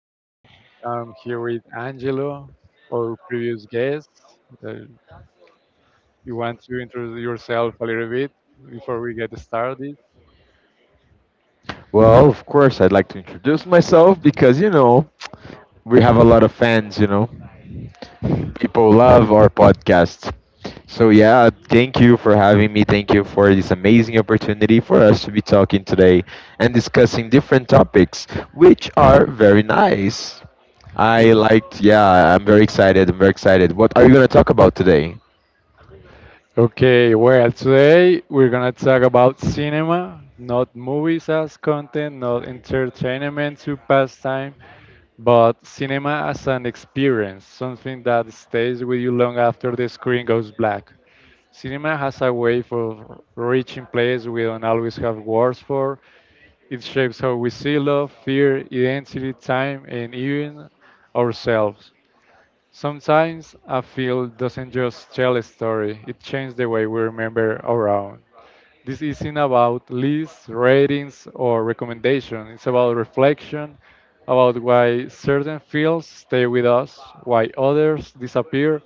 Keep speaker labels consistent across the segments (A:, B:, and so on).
A: here. I'm here with Angelo, our previous guest. Uh, you want to introduce yourself a little bit before we get started?
B: Well, of course, I'd like to introduce myself because, you know, we have a lot of fans, you know. People love our podcast. So, yeah, thank you for having me. Thank you for this amazing opportunity for us to be talking today and discussing different topics, which are very nice.
A: Yeah.
B: I liked, yeah, I'm very excited. I'm very excited. What are you going to talk about today?
A: Okay, well, today we're gonna talk about cinema, not movies as content, not entertainment to pastime, but cinema as an experience, something that stays with you long after the screen goes black. Cinema has a way for reaching places we don't always have words for. It shapes how we see love, fear, identity, time, and even ourselves. Sometimes a film doesn't just tell a story, it changes the way we remember our own. This isn't about lists, ratings, or recommendations. It's about reflection, about why certain fields stay with us, why others disappear,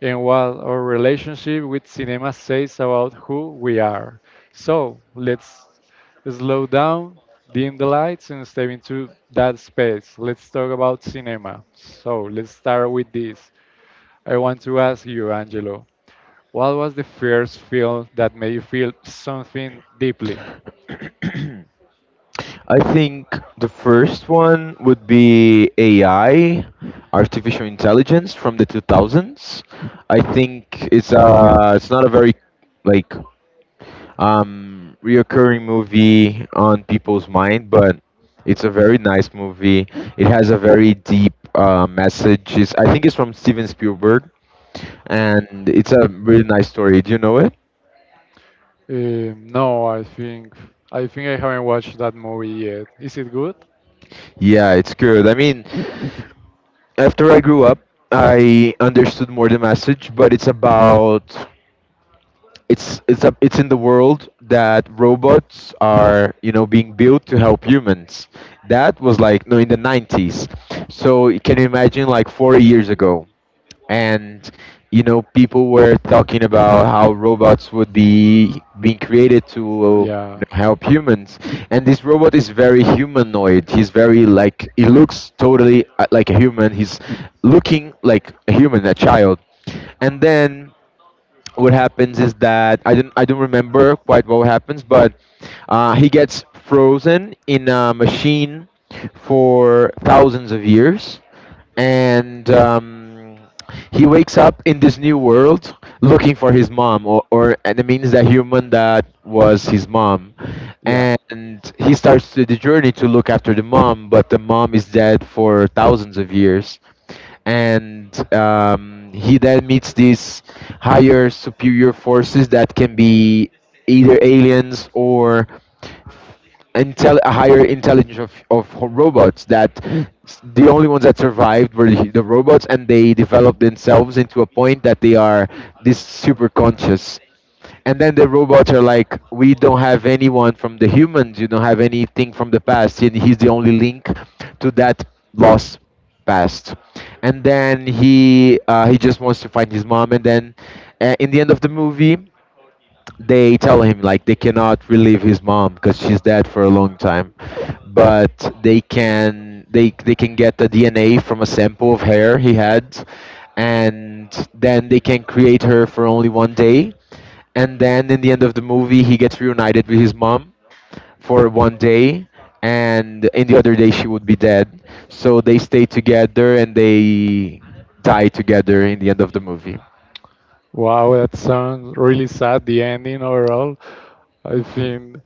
A: and what our relationship with cinema says about who we are. So let's slow down, dim the lights, and step into that space. Let's talk about cinema. So let's start with this. I want to ask you, Angelo. What was the first film that made you feel something deeply?
B: I think the first one would be AI, artificial intelligence from the 2000s. I think it's not a very like reoccurring movie on people's mind, but it's a very nice movie. It has a very deep message. I think it's from Steven Spielberg, and it's a really nice story. Do you know it?
A: No, I think I haven't watched that movie yet. Is it good?
B: Yeah, it's good. I mean, after I grew up, I understood more the message, but it's about it's a, it's in the world that robots are, you know, being built to help humans. That was like no in the 90s. So can you imagine like 40 years ago? And you know people were talking about how robots would be being created to, you
A: Yeah.
B: know, help humans. And this robot is very humanoid. He's very like he looks totally like a human. He's looking like a human, a child. And then what happens is that I don't remember quite what happens, but he gets frozen in a machine for thousands of years, and he wakes up in this new world looking for his mom, or and it means the human that was his mom,
A: Yeah.
B: and he starts to the journey to look after the mom, but the mom is dead for thousands of years. And he then meets these higher superior forces that can be either aliens or a higher intelligence of, robots that the only ones that survived were the robots. And they developed themselves into a point that they are this super conscious. And then the robots are like, we don't have anyone from the humans, you don't have anything from the past, and he's the only link to that lost past. And then he just wants to find his mom. And then in the end of the movie they tell him like they cannot relieve his mom because she's dead for a long time, but they they can get the DNA from a sample of hair he had, and then they can create her for only one day. And then in the end of the movie he gets reunited with his mom for one day, and in the other day she would be dead. So they stay together and they die together in the end of the movie.
A: Wow, that sounds really sad, the ending overall. I think.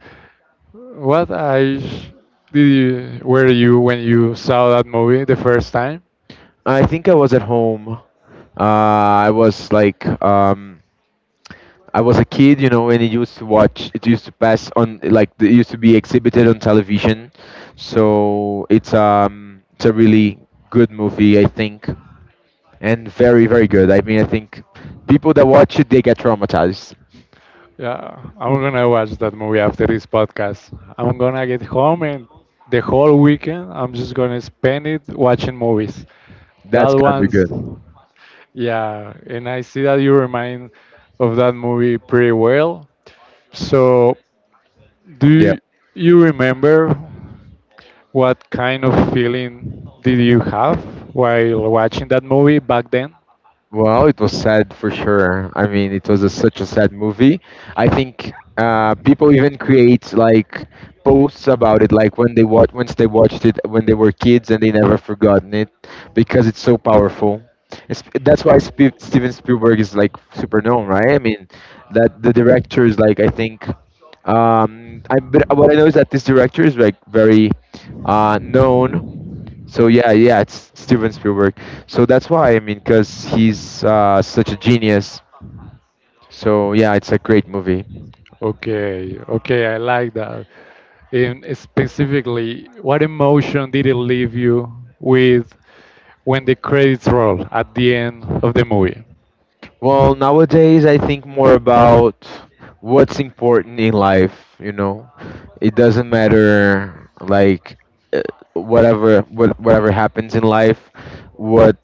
A: What age were you when you saw that movie the first time?
B: I think I was at home. I was like, I was a kid, you know, and it used to watch. It used to pass on, like, it used to be exhibited on television. So it's, it's a really good movie, I think, and very, very good. I mean, I think people that watch it they get traumatized.
A: Yeah, I'm gonna watch that movie after this podcast. I'm gonna get home and the whole weekend I'm just gonna spend it watching movies. That
B: That's gonna be
A: one's,
B: good.
A: yeah, and I see that you remind of that movie pretty well. So
B: Yeah.
A: do you remember what kind of feeling did you have while watching that movie back then?
B: Well, it was sad for sure. I mean, it was a, such a sad movie. I think people even create like posts about it, like when they watch, once they watched it when they were kids, and they never forgotten it because it's so powerful. It's, that's why Sp Steven Spielberg is like super known, right? I mean, that the director is like I think. I but what I know is that this director is like very known, so yeah, yeah, it's Steven Spielberg. So that's why I mean, because he's such a genius. So yeah, it's a great movie.
A: Okay, okay, I like that. And specifically, what emotion did it leave you with when the credits roll at the end of the movie?
B: Well, nowadays I think more about what's important in life. You know, it doesn't matter like uh, whatever happens in life. What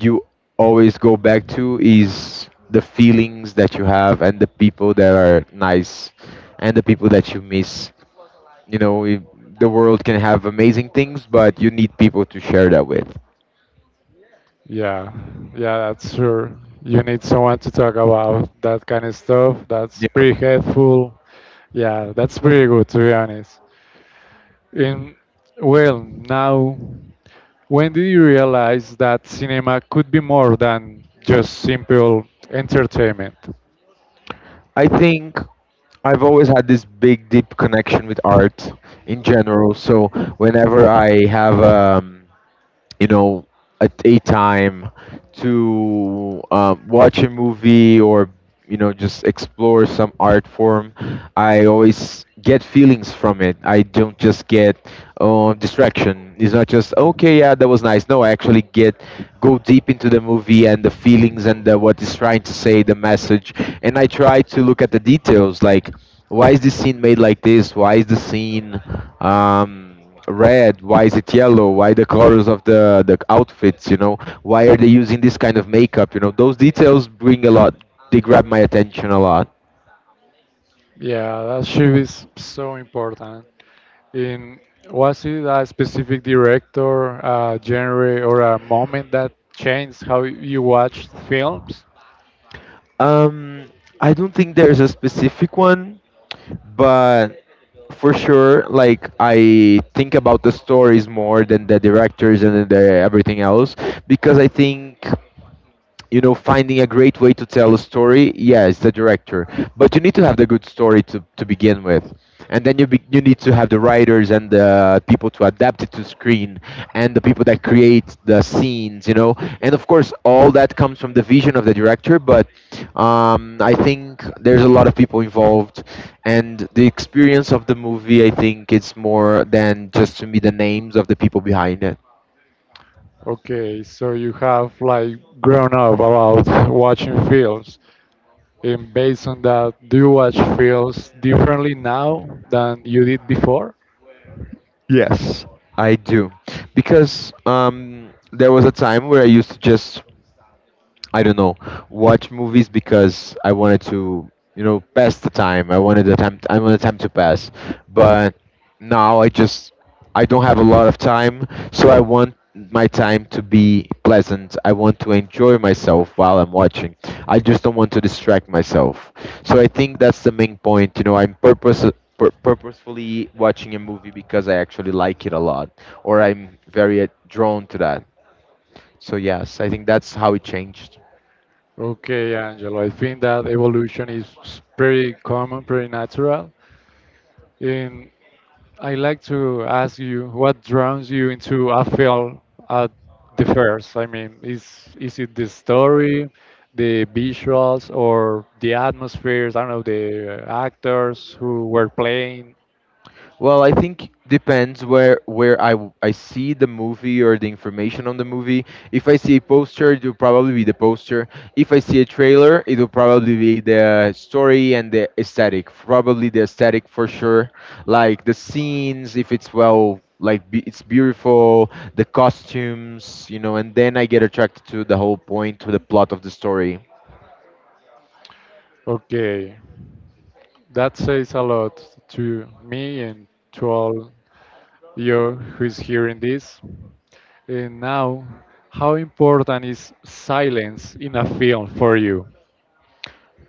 B: you always go back to is the feelings that you have and the people that are nice and the people that you miss. You know, if the world can have amazing things, but you need people to share that with.
A: Yeah, yeah, that's sure. You need someone to talk about that kind of stuff. That's
B: Yeah.
A: pretty helpful. Yeah, that's pretty good to be honest. And well, now, when did you realize that cinema could be more than just simple entertainment?
B: I think I've always had this big, deep connection with art in general. So whenever I have, you know, at daytime to watch a movie or, you know, just explore some art form, I always get feelings from it. I don't just get distraction. It's not just okay, yeah, that was nice. No, I actually get, go deep into the movie and the feelings and the, what it's trying to say, the message. And I try to look at the details like why is this scene made like this, why is the scene um, red? Why is it yellow? Why the colors of the outfits? You know, why are they using this kind of makeup? You know, those details bring a lot. They grab my attention a lot.
A: Yeah, that shift is so important. In, was it a specific director, a genre, or a moment that changed how you watched films?
B: Um, I don't think there's a specific one, but for sure, like I think about the stories more than the directors and the everything else, because I think, you know, finding a great way to tell a story, yeah, it's the director, but you need to have the good story to begin with. And then you need to have the writers and the people to adapt it to screen and the people that create the scenes, you know. And of course all that comes from the vision of the director, but I think there's a lot of people involved, and the experience of the movie I think it's more than just to me the names of the people behind it.
A: Okay, so you have like grown up about watching films. And based on that, do you watch films differently now than you did before?
B: Yes, I do. Because there was a time where I used to just, I don't know, watch movies because I wanted to, you know, pass the time. I wanted the time. I wanted time to pass. But now I just, I don't have a lot of time, so I want my time to be pleasant. I want to enjoy myself while I'm watching. I just don't want to distract myself. So I think that's the main point. You know, I'm purposefully watching a movie because I actually like it a lot, or I'm very drawn to that. So yes, I think that's how it changed.
A: Okay, Angelo, I think that evolution is pretty common, pretty natural. And I like to ask you, what draws you into a film at the first? I mean, is it the story, the visuals, or the atmospheres? I don't know, the actors who were playing.
B: Well, I think depends where I see the movie or the information on the movie. If I see a poster, it will probably be the poster. If I see a trailer, it will probably be the story and the aesthetic. Probably the aesthetic for sure. Like the scenes, if it's it's beautiful, the costumes, you know, and then I get attracted to the whole point, to the plot of the story.
A: Okay. That says a lot to me and to all you who's hearing this. And now, how important is silence in a film for you?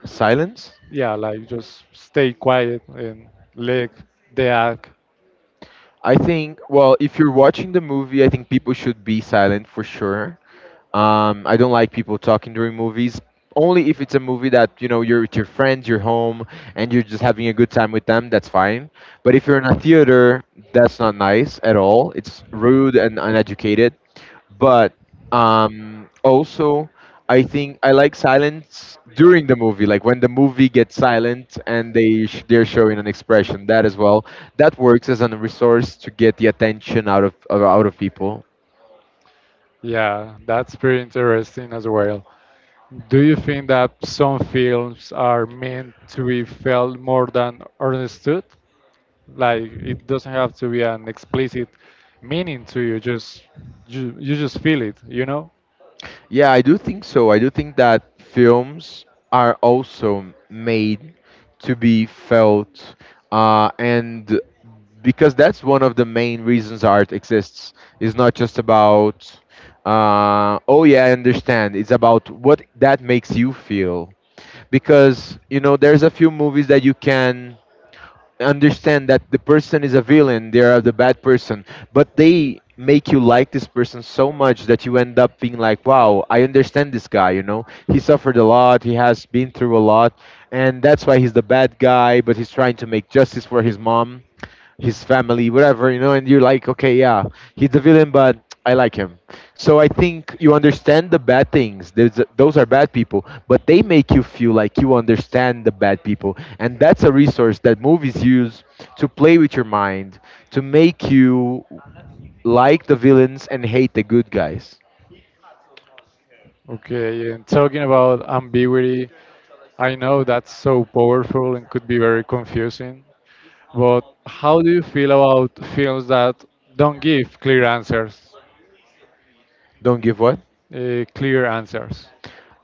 B: Silence?
A: Yeah, like just stay quiet and let the act.
B: I think, well, if you're watching the movie, I think people should be silent for sure. I don't like people talking during movies. Only if it's a movie that you know you're with your friends, you're home, and you're just having a good time with them. That's fine. But if you're in a theater, that's not nice at all. It's rude and uneducated. But also, I think I like silence during the movie, like when the movie gets silent and they're showing an expression. That as well, that works as a resource to get the attention of out of people.
A: Yeah, that's pretty interesting as well. Do you think that some films are meant to be felt more than understood? Like it doesn't have to be an explicit meaning to you, just you just feel it, you know?
B: Yeah, I do think so. I do think that films are also made to be felt, and because that's one of the main reasons art exists. It's not just about, oh yeah, I understand. It's about what that makes you feel. Because you know, there's a few movies that you can understand that the person is a villain, they are the bad person, but they make you like this person so much that you end up being like, wow, I understand this guy, you know? He suffered a lot, he has been through a lot, and that's why he's the bad guy, but he's trying to make justice for his mom, his family, whatever, you know, and you're like, okay, yeah, he's the villain, but I like him. So I think you understand the bad things. There's, those are bad people, but they make you feel like you understand the bad people. And that's a resource that movies use to play with your mind, to make you like the villains and hate the good guys.
A: Okay, and talking about ambiguity, I know that's so powerful and could be very confusing, but how do you feel about films that don't give clear answers?
B: Don't give what?
A: Clear answers.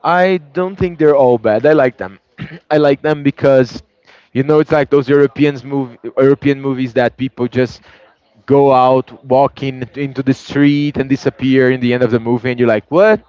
B: I don't think they're all bad. I like them. I like them because, you know, it's like those European movies that people just go out, walking into the street, and disappear in the end of the movie, and you're like, what?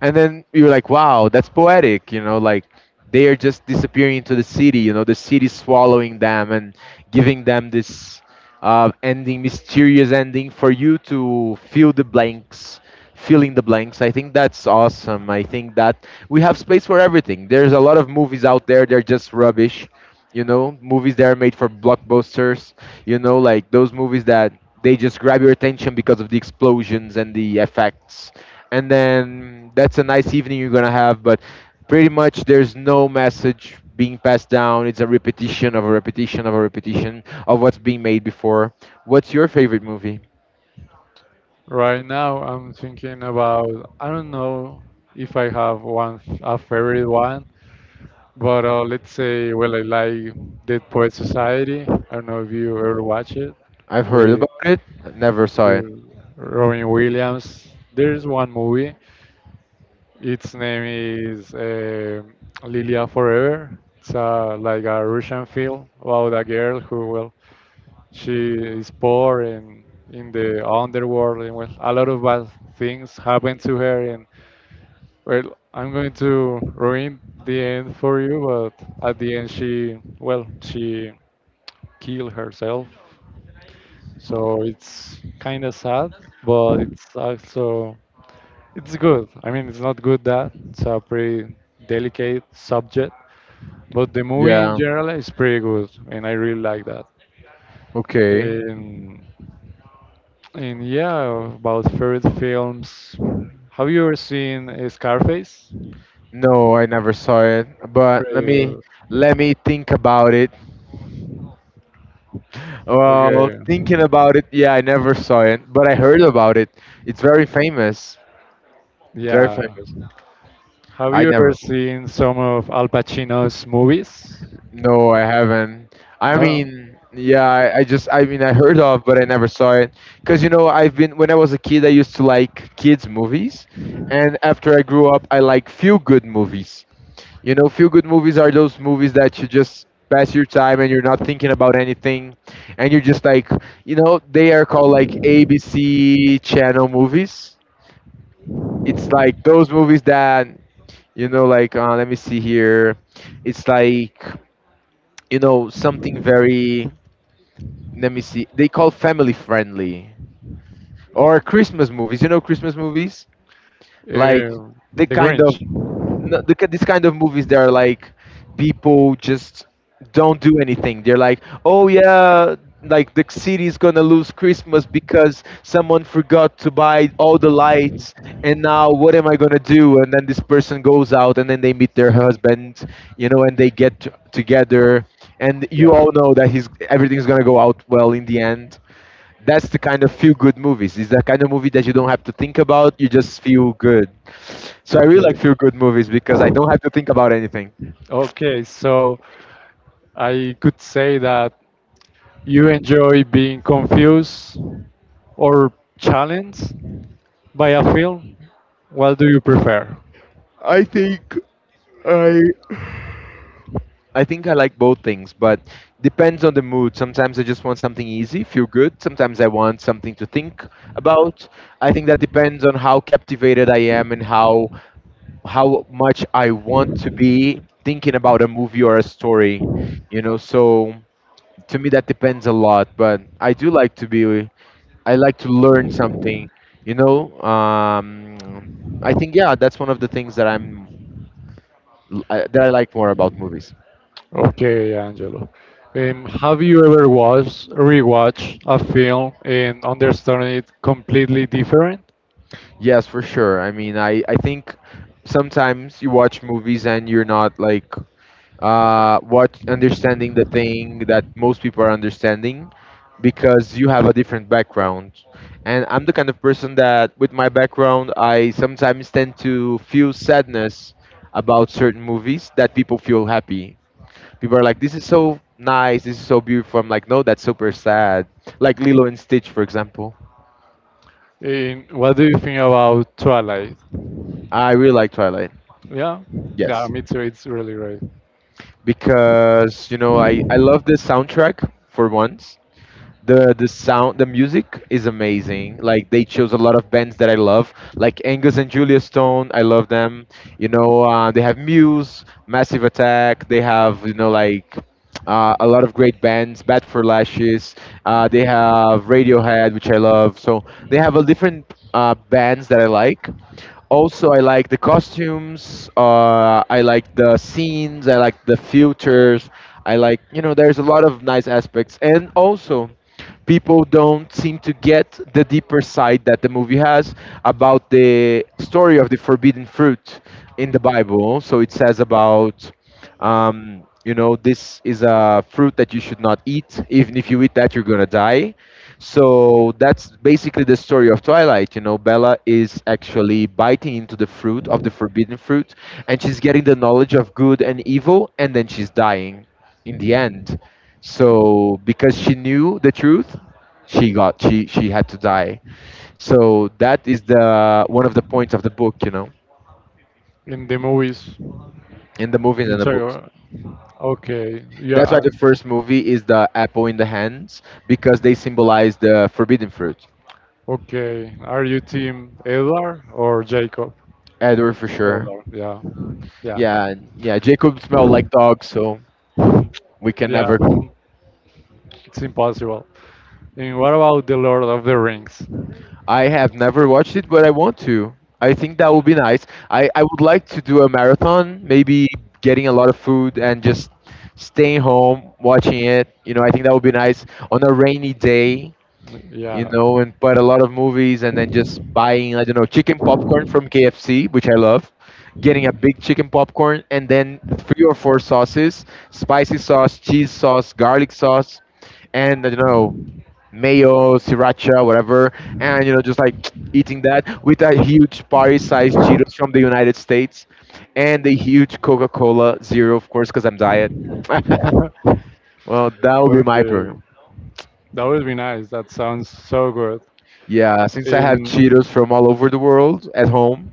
B: And then you're like, wow, that's poetic. You know, like they are just disappearing into the city. You know, the city swallowing them and giving them this ending, mysterious ending for you to fill in the blanks. I think that's awesome. I think that we have space for everything. There's a lot of movies out there, they're just rubbish. You know, movies that are made for blockbusters, you know, like those movies that they just grab your attention because of the explosions and the effects. And then that's a nice evening you're going to have, but pretty much there's no message being passed down. It's a repetition of a repetition of a repetition of what's being made before. What's your favorite movie?
A: Right now, I'm thinking about, I don't know if I have one, a favorite one, but let's say, well, I like Dead Poet Society. I don't know if you ever watch it
B: I've heard
A: with,
B: about it, never saw
A: with
B: it.
A: Robin Williams. There's one movie. Its name is Lilia Forever. It's like a Russian film about a girl who, well, she is poor and in the underworld, and well, a lot of bad things happen to her. And well, I'm going to ruin the end for you, but at the end, she, well, she killed herself. So it's kind of sad, but it's also it's good. I mean, it's not good that it's a pretty delicate subject, but the movie in
B: Yeah.
A: general is pretty good, and I really like that.
B: Okay.
A: Um, and yeah, about favorite films. Have you ever seen Scarface?
B: No, I never saw it. But
A: Pretty good.
B: let me think about it. Well,
A: Okay.
B: thinking about it, yeah, I never saw it, but I heard about it. It's very famous. Very
A: Yeah.
B: famous.
A: Have
B: I
A: you ever
B: never.
A: seen some of Al Pacino's movies?
B: No, I haven't. I
A: No, no.
B: mean, yeah, I just, I mean, I heard of, but I never saw it. Because, you know, I've been, when I was a kid, I used to like kids' movies. And after I grew up, I like feel good movies. You know, feel good movies are those movies that you just pass your time and you're not thinking about anything. And you're just like, you know, they are called like ABC channel movies. It's like those movies that, you know, like, let me see here. It's like, you know, something very, let me see, they call family friendly or Christmas movies, you know, Christmas movies like
A: Uh,
B: the
A: the
B: kind of
A: Grinch.
B: this kind of movies that are like people just don't do anything. They're like, oh yeah, like the city is gonna lose Christmas because someone forgot to buy all the lights, and now what am I gonna do? And then this person goes out, and then they meet their husband, you know, and they get together, and you
A: Yeah.
B: all know that he's everything's gonna go out well in the end. That's the kind of feel good movies. It's the kind of movie that you don't have to think about, you just feel good. So I really like
A: Okay.
B: feel good movies because I don't have to think about anything.
A: Okay, so I could say that you enjoy being confused or challenged by a film. What do you prefer?
B: I think I I think I like both things, but depends on the mood. Sometimes I just want something easy, feel good. Sometimes I want something to think about. I think that depends on how captivated I am and how much I want to be thinking about a movie or a story. You know, so to me that depends a lot, but I do like to be, I like to learn something, you know, I think, yeah, that's one of the things that I like more about movies.
A: Okay, Angelo. Have you ever watched rewatched a film and understand it completely different?
B: Yes, for sure. I mean, I think sometimes you watch movies and you're not like, watch understanding the thing that most people are understanding because you have a different background. And I'm the kind of person that, with my background, I sometimes tend to feel sadness about certain movies that people feel happy. People are like, "This is so nice. This is so beautiful." I'm like, "No, that's super sad." Like Lilo and Stitch, for example.
A: And what do you think about Twilight?
B: I really like Twilight.
A: Yeah, yeah,
B: Yes.
A: me too. It's really great.
B: Because you know, I love the soundtrack for once. The sound the music is amazing. Like they chose a lot of bands that I love, like Angus and Julia Stone. I love them. You know, they have Muse, Massive Attack. They have, you know, like, a lot of great bands, Bad for Lashes. They have Radiohead, which I love. So they have a different bands that I like. Also, I like the costumes. I like the scenes. I like the filters. I like, you know. There's a lot of nice aspects, and also, people don't seem to get the deeper side that the movie has about the story of the forbidden fruit in the Bible. So it says about, you know, this is a fruit that you should not eat. Even if you eat that, you're gonna die. So that's basically the story of Twilight. You know, Bella is actually biting into the fruit of the forbidden fruit, and she's getting the knowledge of good and evil, and then she's dying in the end. So because she knew the truth, she got she had to die. So that is the one of the points of the book, you know,
A: In the movies,
B: in the movie
A: you
B: and the
A: talk
B: books.
A: about. Okay, yeah,
B: That's why the first movie is the apple in the hands because they symbolize the forbidden fruit.
A: okay. Are you team Edward or Jacob?
B: Edward for sure.
A: Edward, yeah, yeah,
B: Yeah. Jacob smelled like dog, so we can
A: yeah.
B: never.
A: It's impossible. And what about the Lord of the Rings?
B: I have never watched it, but I want to. I think that would be nice. I would like to do a marathon, maybe getting a lot of food and just staying home watching it. You know, I think that would be nice on a rainy day. You
A: Yeah.
B: know, and put a lot of movies and then just buying, I don't know, chicken popcorn from KFC, which I love, getting a big chicken popcorn and then 3 or 4 sauces, spicy sauce, cheese sauce, garlic sauce, and I don't know, mayo, sriracha, whatever. And, you know, just like eating that with a huge party sized Cheetos from the United States and a huge Coca Cola Zero, of course, because I'm diet. Well, that would be my
A: Okay,
B: program.
A: that would be nice. That sounds so good.
B: Yeah, since I have
A: In
B: Cheetos from all over the world at home,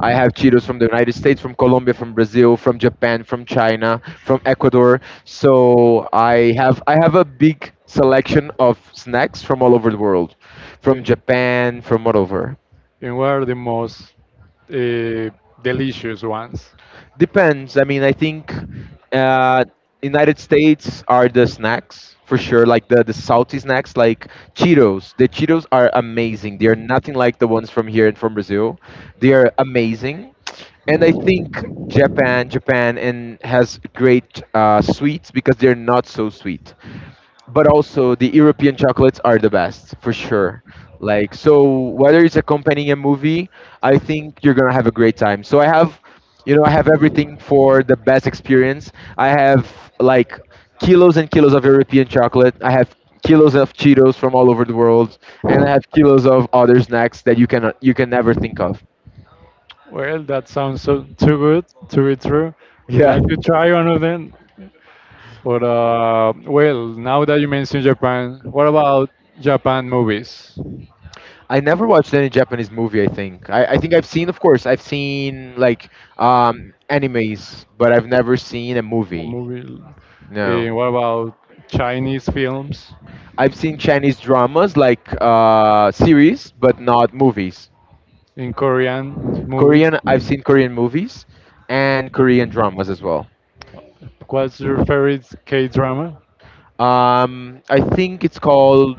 B: I have Cheetos from the United States, from Colombia, from Brazil, from Japan, from China, from Ecuador. So I have a big selection of snacks from all over the world, from
A: in,
B: Japan, from all over.
A: in what are the most uh, delicious ones?
B: Depends. I mean, I think, uh, United States are the snacks for sure, like the salty snacks, like Cheetos. The Cheetos are amazing. They are nothing like the ones from here and from Brazil. They are amazing, and I think Japan and has great sweets because they're not so sweet, but also the European chocolates are the best for sure. Like so, whether it's accompanying a movie, I think you're gonna have a great time. So I have, you know, I have everything for the best experience. I have, like, kilos and kilos of European chocolate. I have kilos of Cheetos from all over the world, and I have kilos of other snacks that you can never think of.
A: Well, that sounds so too good to be true. I
B: Yeah.
A: like to try one of them. But well, now that you mentioned Japan, what about Japan movies? A
B: I never watched any Japanese movie. I think I've seen, of course, I've seen like, animes, but I've never seen a movie.
A: movie.
B: No,
A: What about Chinese films
B: I've seen Chinese dramas like, series, but not movies.
A: in Korean movies?
B: Korean, I've seen Korean movies and Korean dramas as well.
A: What's your favorite K drama?
B: I think it's called.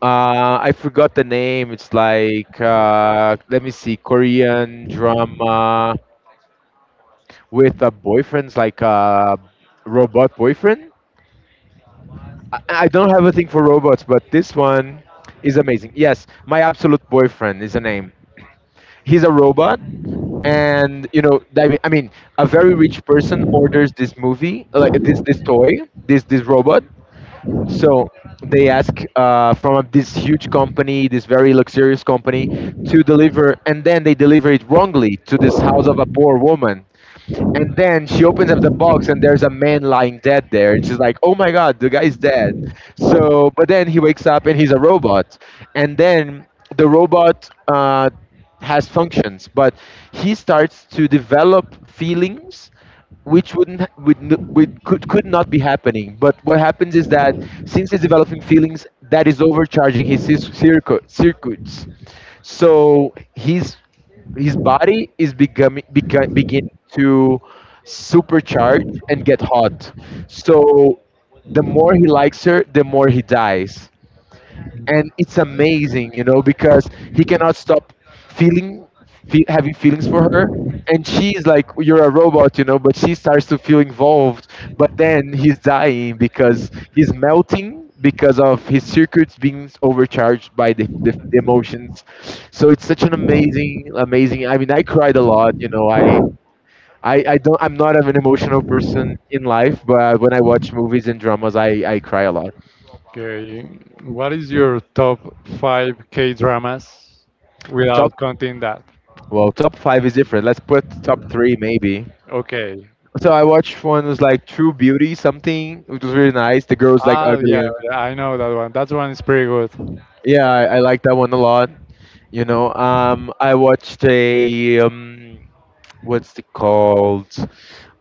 B: I forgot the name. It's like, let me see, Korean drama, with a boyfriend's like a robot boyfriend. I don't have a thing for robots, but this one is amazing. Yes, my absolute boyfriend is a name. He's a robot, and you know, I mean, a very rich person orders this movie, like this toy, this robot, so they ask, from this huge company, this very luxurious company, to deliver, and then they deliver it wrongly to this house of a poor woman. And then she opens up the box, and there's a man lying dead there. And she's like, "Oh my God, the guy's dead." So, but then he wakes up, and he's a robot. And then the robot has functions, but he starts to develop feelings, which wouldn't ha- would, n- would could not be happening, but what happens is that since he's developing feelings, that is overcharging his circuits, so his body is becoming beca- begin to supercharge and get hot. So the more he likes her, the more he dies. And it's amazing, you know, because he cannot stop feeling, fe having feelings for her, and she's like, "You're a robot," you know, but she starts to feel involved. But then he's dying because he's melting because of his circuits being overcharged by the emotions. So it's such an amazing, amazing. I mean, I cried a lot, you know. I. I don't I'm not an emotional person in life, but when I watch movies and dramas, I cry a lot.
A: Okay, what is your top five K dramas without counting that?
B: Well, top 5 is different. Let's put top 3 maybe.
A: Okay.
B: So I watched one was like True Beauty something, which was really nice. The girl's like
A: Ah,
B: ugly
A: yeah,
B: and
A: I know that one. That one is pretty good.
B: yeah, I like that one a lot. You know, I watched a what's it called?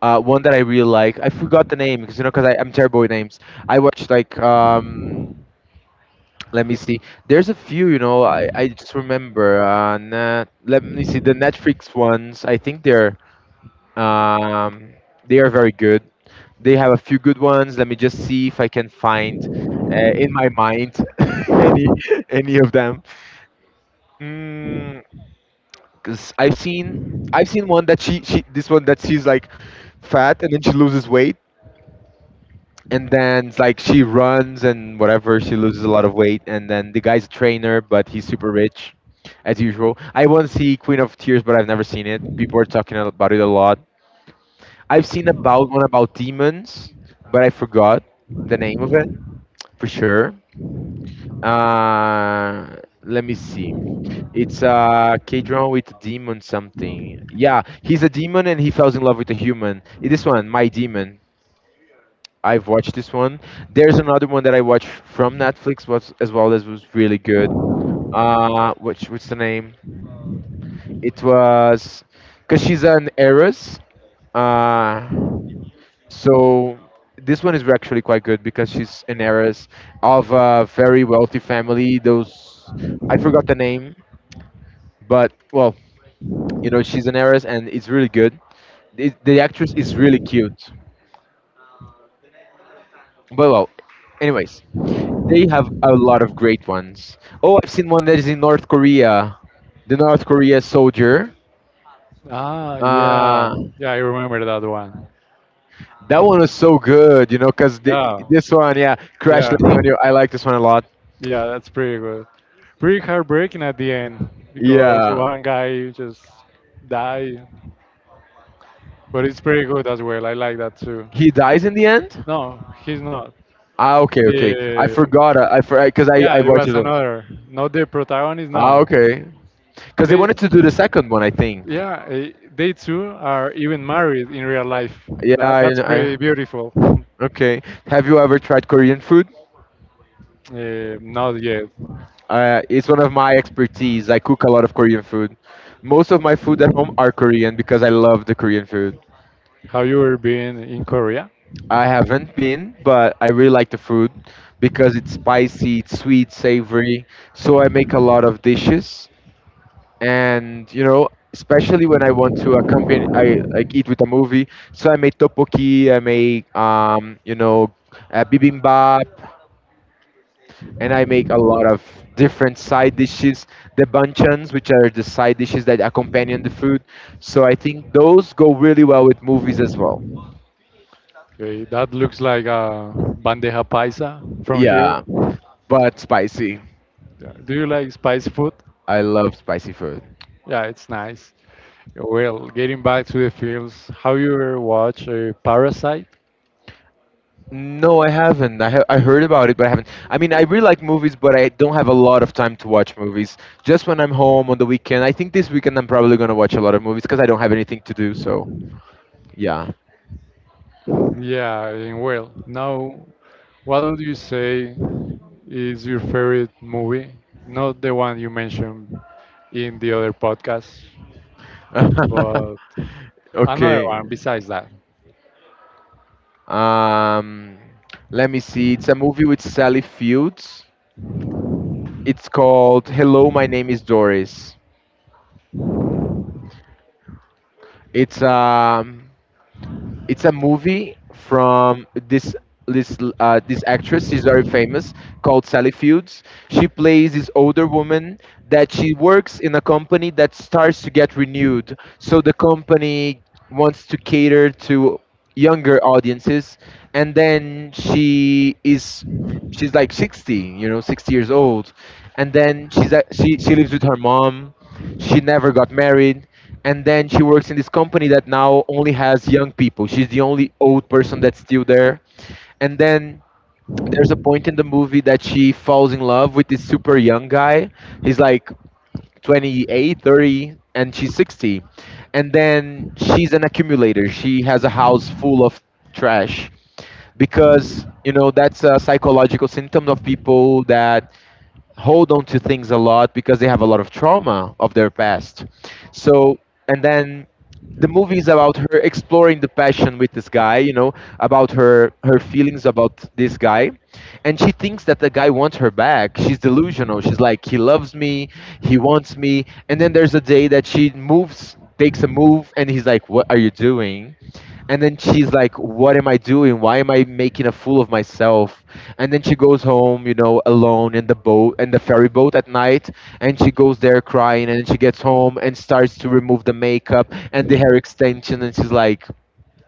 B: One that I really like. I forgot the name because, you know, because I'm terrible with names. I watched like, let me see. There's a few, you know. I just remember. Let me see the Netflix ones. I think they're. Um, they are very good. They have a few good ones. Let me just see if I can find in my mind any of them. Because I've seen one that she this one that she's like fat and then she loses weight, and then it's like she runs and whatever, she loses a lot of weight, and then the guy's a trainer but he's super rich as usual. I want to see Queen of Tears but I've never seen it. People are talking about it a lot. I've seen about one about demons, but I forgot the name of it for sure. Uh, Let me see. It's a K drama with a demon something. Yeah, he's a demon and he falls in love with a human. This one, My Demon. I've watched this one. There's another one that I watched from Netflix was as well as was really good. Which what's the name? It was because she's an heiress. Uh, So this one is actually quite good because she's an heiress of a very wealthy family. Those I forgot the name, but well, you know, she's an heiress and it's really good. The actress is really cute. But well, anyways, they have a lot of great ones. Oh, I've seen one that is in North Korea, the North Korea soldier.
A: Ah, yeah.
B: Uh,
A: Yeah, I remember that one.
B: that one was so good, you know, because
A: Yeah.
B: this one, yeah, Crash
A: Yeah.
B: Landing on You. I like this one a lot.
A: Yeah, that's pretty good. Pretty heartbreaking at the end because
B: Yeah,
A: one guy just died. But it's pretty good as well. I like that too.
B: he dies in the end?
A: No, he's not.
B: Ah, okay, okay. I
A: The,
B: forgot. I for because I
A: yeah,
B: I
A: it
B: watched
A: was
B: it.
A: another. Not the protagonist.
B: Ah,
A: No,
B: okay. Because they
A: they,
B: wanted to do the second one, I think.
A: yeah, eh, they two are even married in real life.
B: Yeah,
A: That,
B: I,
A: that's
B: I
A: pretty beautiful.
B: okay. Have you ever tried Korean food?
A: Eh, not yet.
B: It's one of my expertise. I cook a lot of Korean food. Most of my food at home are Korean because I love the Korean food.
A: Have you ever been in Korea?
B: I haven't been, but I really like the food because it's spicy, it's sweet, savory. So I make a lot of dishes. And you know, especially when I want to accompany, I like eat with a movie, so I make tteokbokki, I make bibimbap, and I make a lot of different side dishes, the banchans, which are the side dishes that accompany the food. So I think those go really well with movies as well.
A: Okay, that looks like a bandeja paisa from
B: Yeah,
A: here.
B: but spicy.
A: Yeah, do you like spicy food?
B: I love spicy food.
A: Yeah, it's nice. Well, getting back to the films, have you ever watched Parasite?
B: No, I haven't. I heard about it, but I haven't. I mean, I really like movies, but I don't have a lot of time to watch movies. Just when I'm home on the weekend. I think this weekend I'm probably gonna watch a lot of movies because I don't have anything to do. So yeah.
A: Yeah, and well, now, what would you say is your favorite movie? Not the one you mentioned in the other podcast, but another
B: Okay.
A: one besides that.
B: Um, Let me see. It's a movie with Sally Fields. It's called Hello, My Name is Doris. It's it's a movie from this this actress. She's very famous, called Sally Fields. She plays this older woman that she works in a company that starts to get renewed. So the company wants to cater to younger audiences, and then she's like 60, you know, 60 years old, and then she lives with her mom, she never got married, and then she works in this company that now only has young people. She's the only old person that's still there. And then there's a point in the movie that she falls in love with this super young guy. He's like 28, 30, and she's 60. And then she's an accumulator. She has a house full of trash because, you know, that's a psychological symptom of people that hold on to things a lot because they have a lot of trauma of their past. So, and then the movie is about her exploring the passion with this guy, you know, about her feelings about this guy, and she thinks that the guy wants her back. She's delusional. She's like, he loves me, he wants me, and then there's a day that she moves, takes a move, and he's like, what are you doing? And then she's like, what am I doing? Why am I making a fool of myself? And then she goes home, you know, alone in the boat, in the ferry boat at night. And she goes there crying. And then she gets home and starts to remove the makeup and the hair extension. And she's like,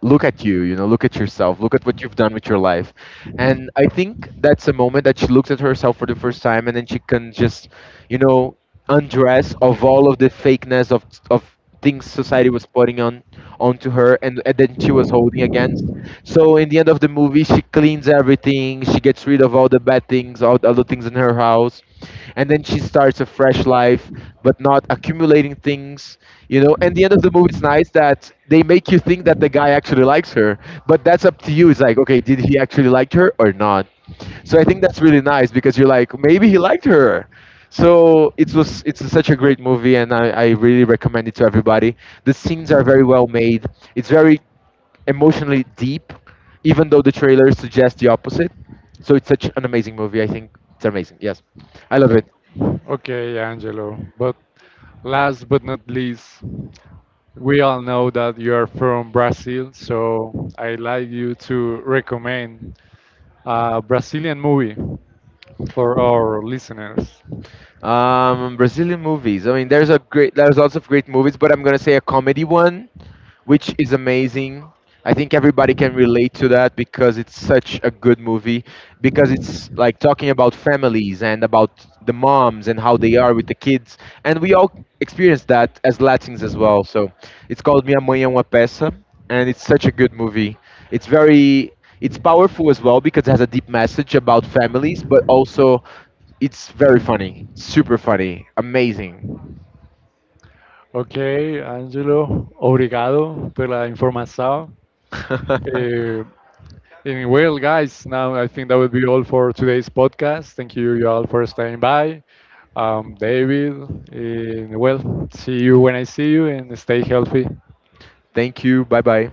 B: look at you, you know, look at yourself, look at what you've done with your life. And I think that's a moment that she looks at herself for the first time, and then she can just, you know, undress of all of the fakeness of things society was putting on onto her and, then she was holding against. So in the end of the movie, she cleans everything, she gets rid of all the bad things, all the other things in her house, and then she starts a fresh life, but not accumulating things, you know. And the end of the movie, it's nice that they make you think that the guy actually likes her, but that's up to you. It's like, okay, did he actually like her or not? So I think that's really nice because you're like, maybe he liked her. So it was it's such a great movie, and I really recommend it to everybody. The scenes are very well made. It's very emotionally deep, even though the trailer suggests the opposite. So it's such an amazing movie. I think it's amazing. Yes, I love it.
A: O- Okay, Angelo. But last but not least, we all know that you are from Brazil, so I'd like you to recommend a Brazilian movie for our listeners.
B: Brazilian movies. I mean, there's lots of great movies, but I'm gonna say a comedy one which is amazing. I think everybody can relate to that because it's such a good movie, because it's like talking about families and about the moms and how they are with the kids, and we all experience that as Latins as well. So it's called Minha Mãe é uma Peça, and it's such a good movie. It's very it's powerful as well because it has a deep message about families but also it's very funny, super funny, amazing.
A: Okay, Angelo, obrigado pela informação. Uh, and well, guys, now I think that would be all for today's podcast. Thank you, you all, for staying by. David, and well, see you when I see you, and stay healthy.
B: Thank you. Bye bye.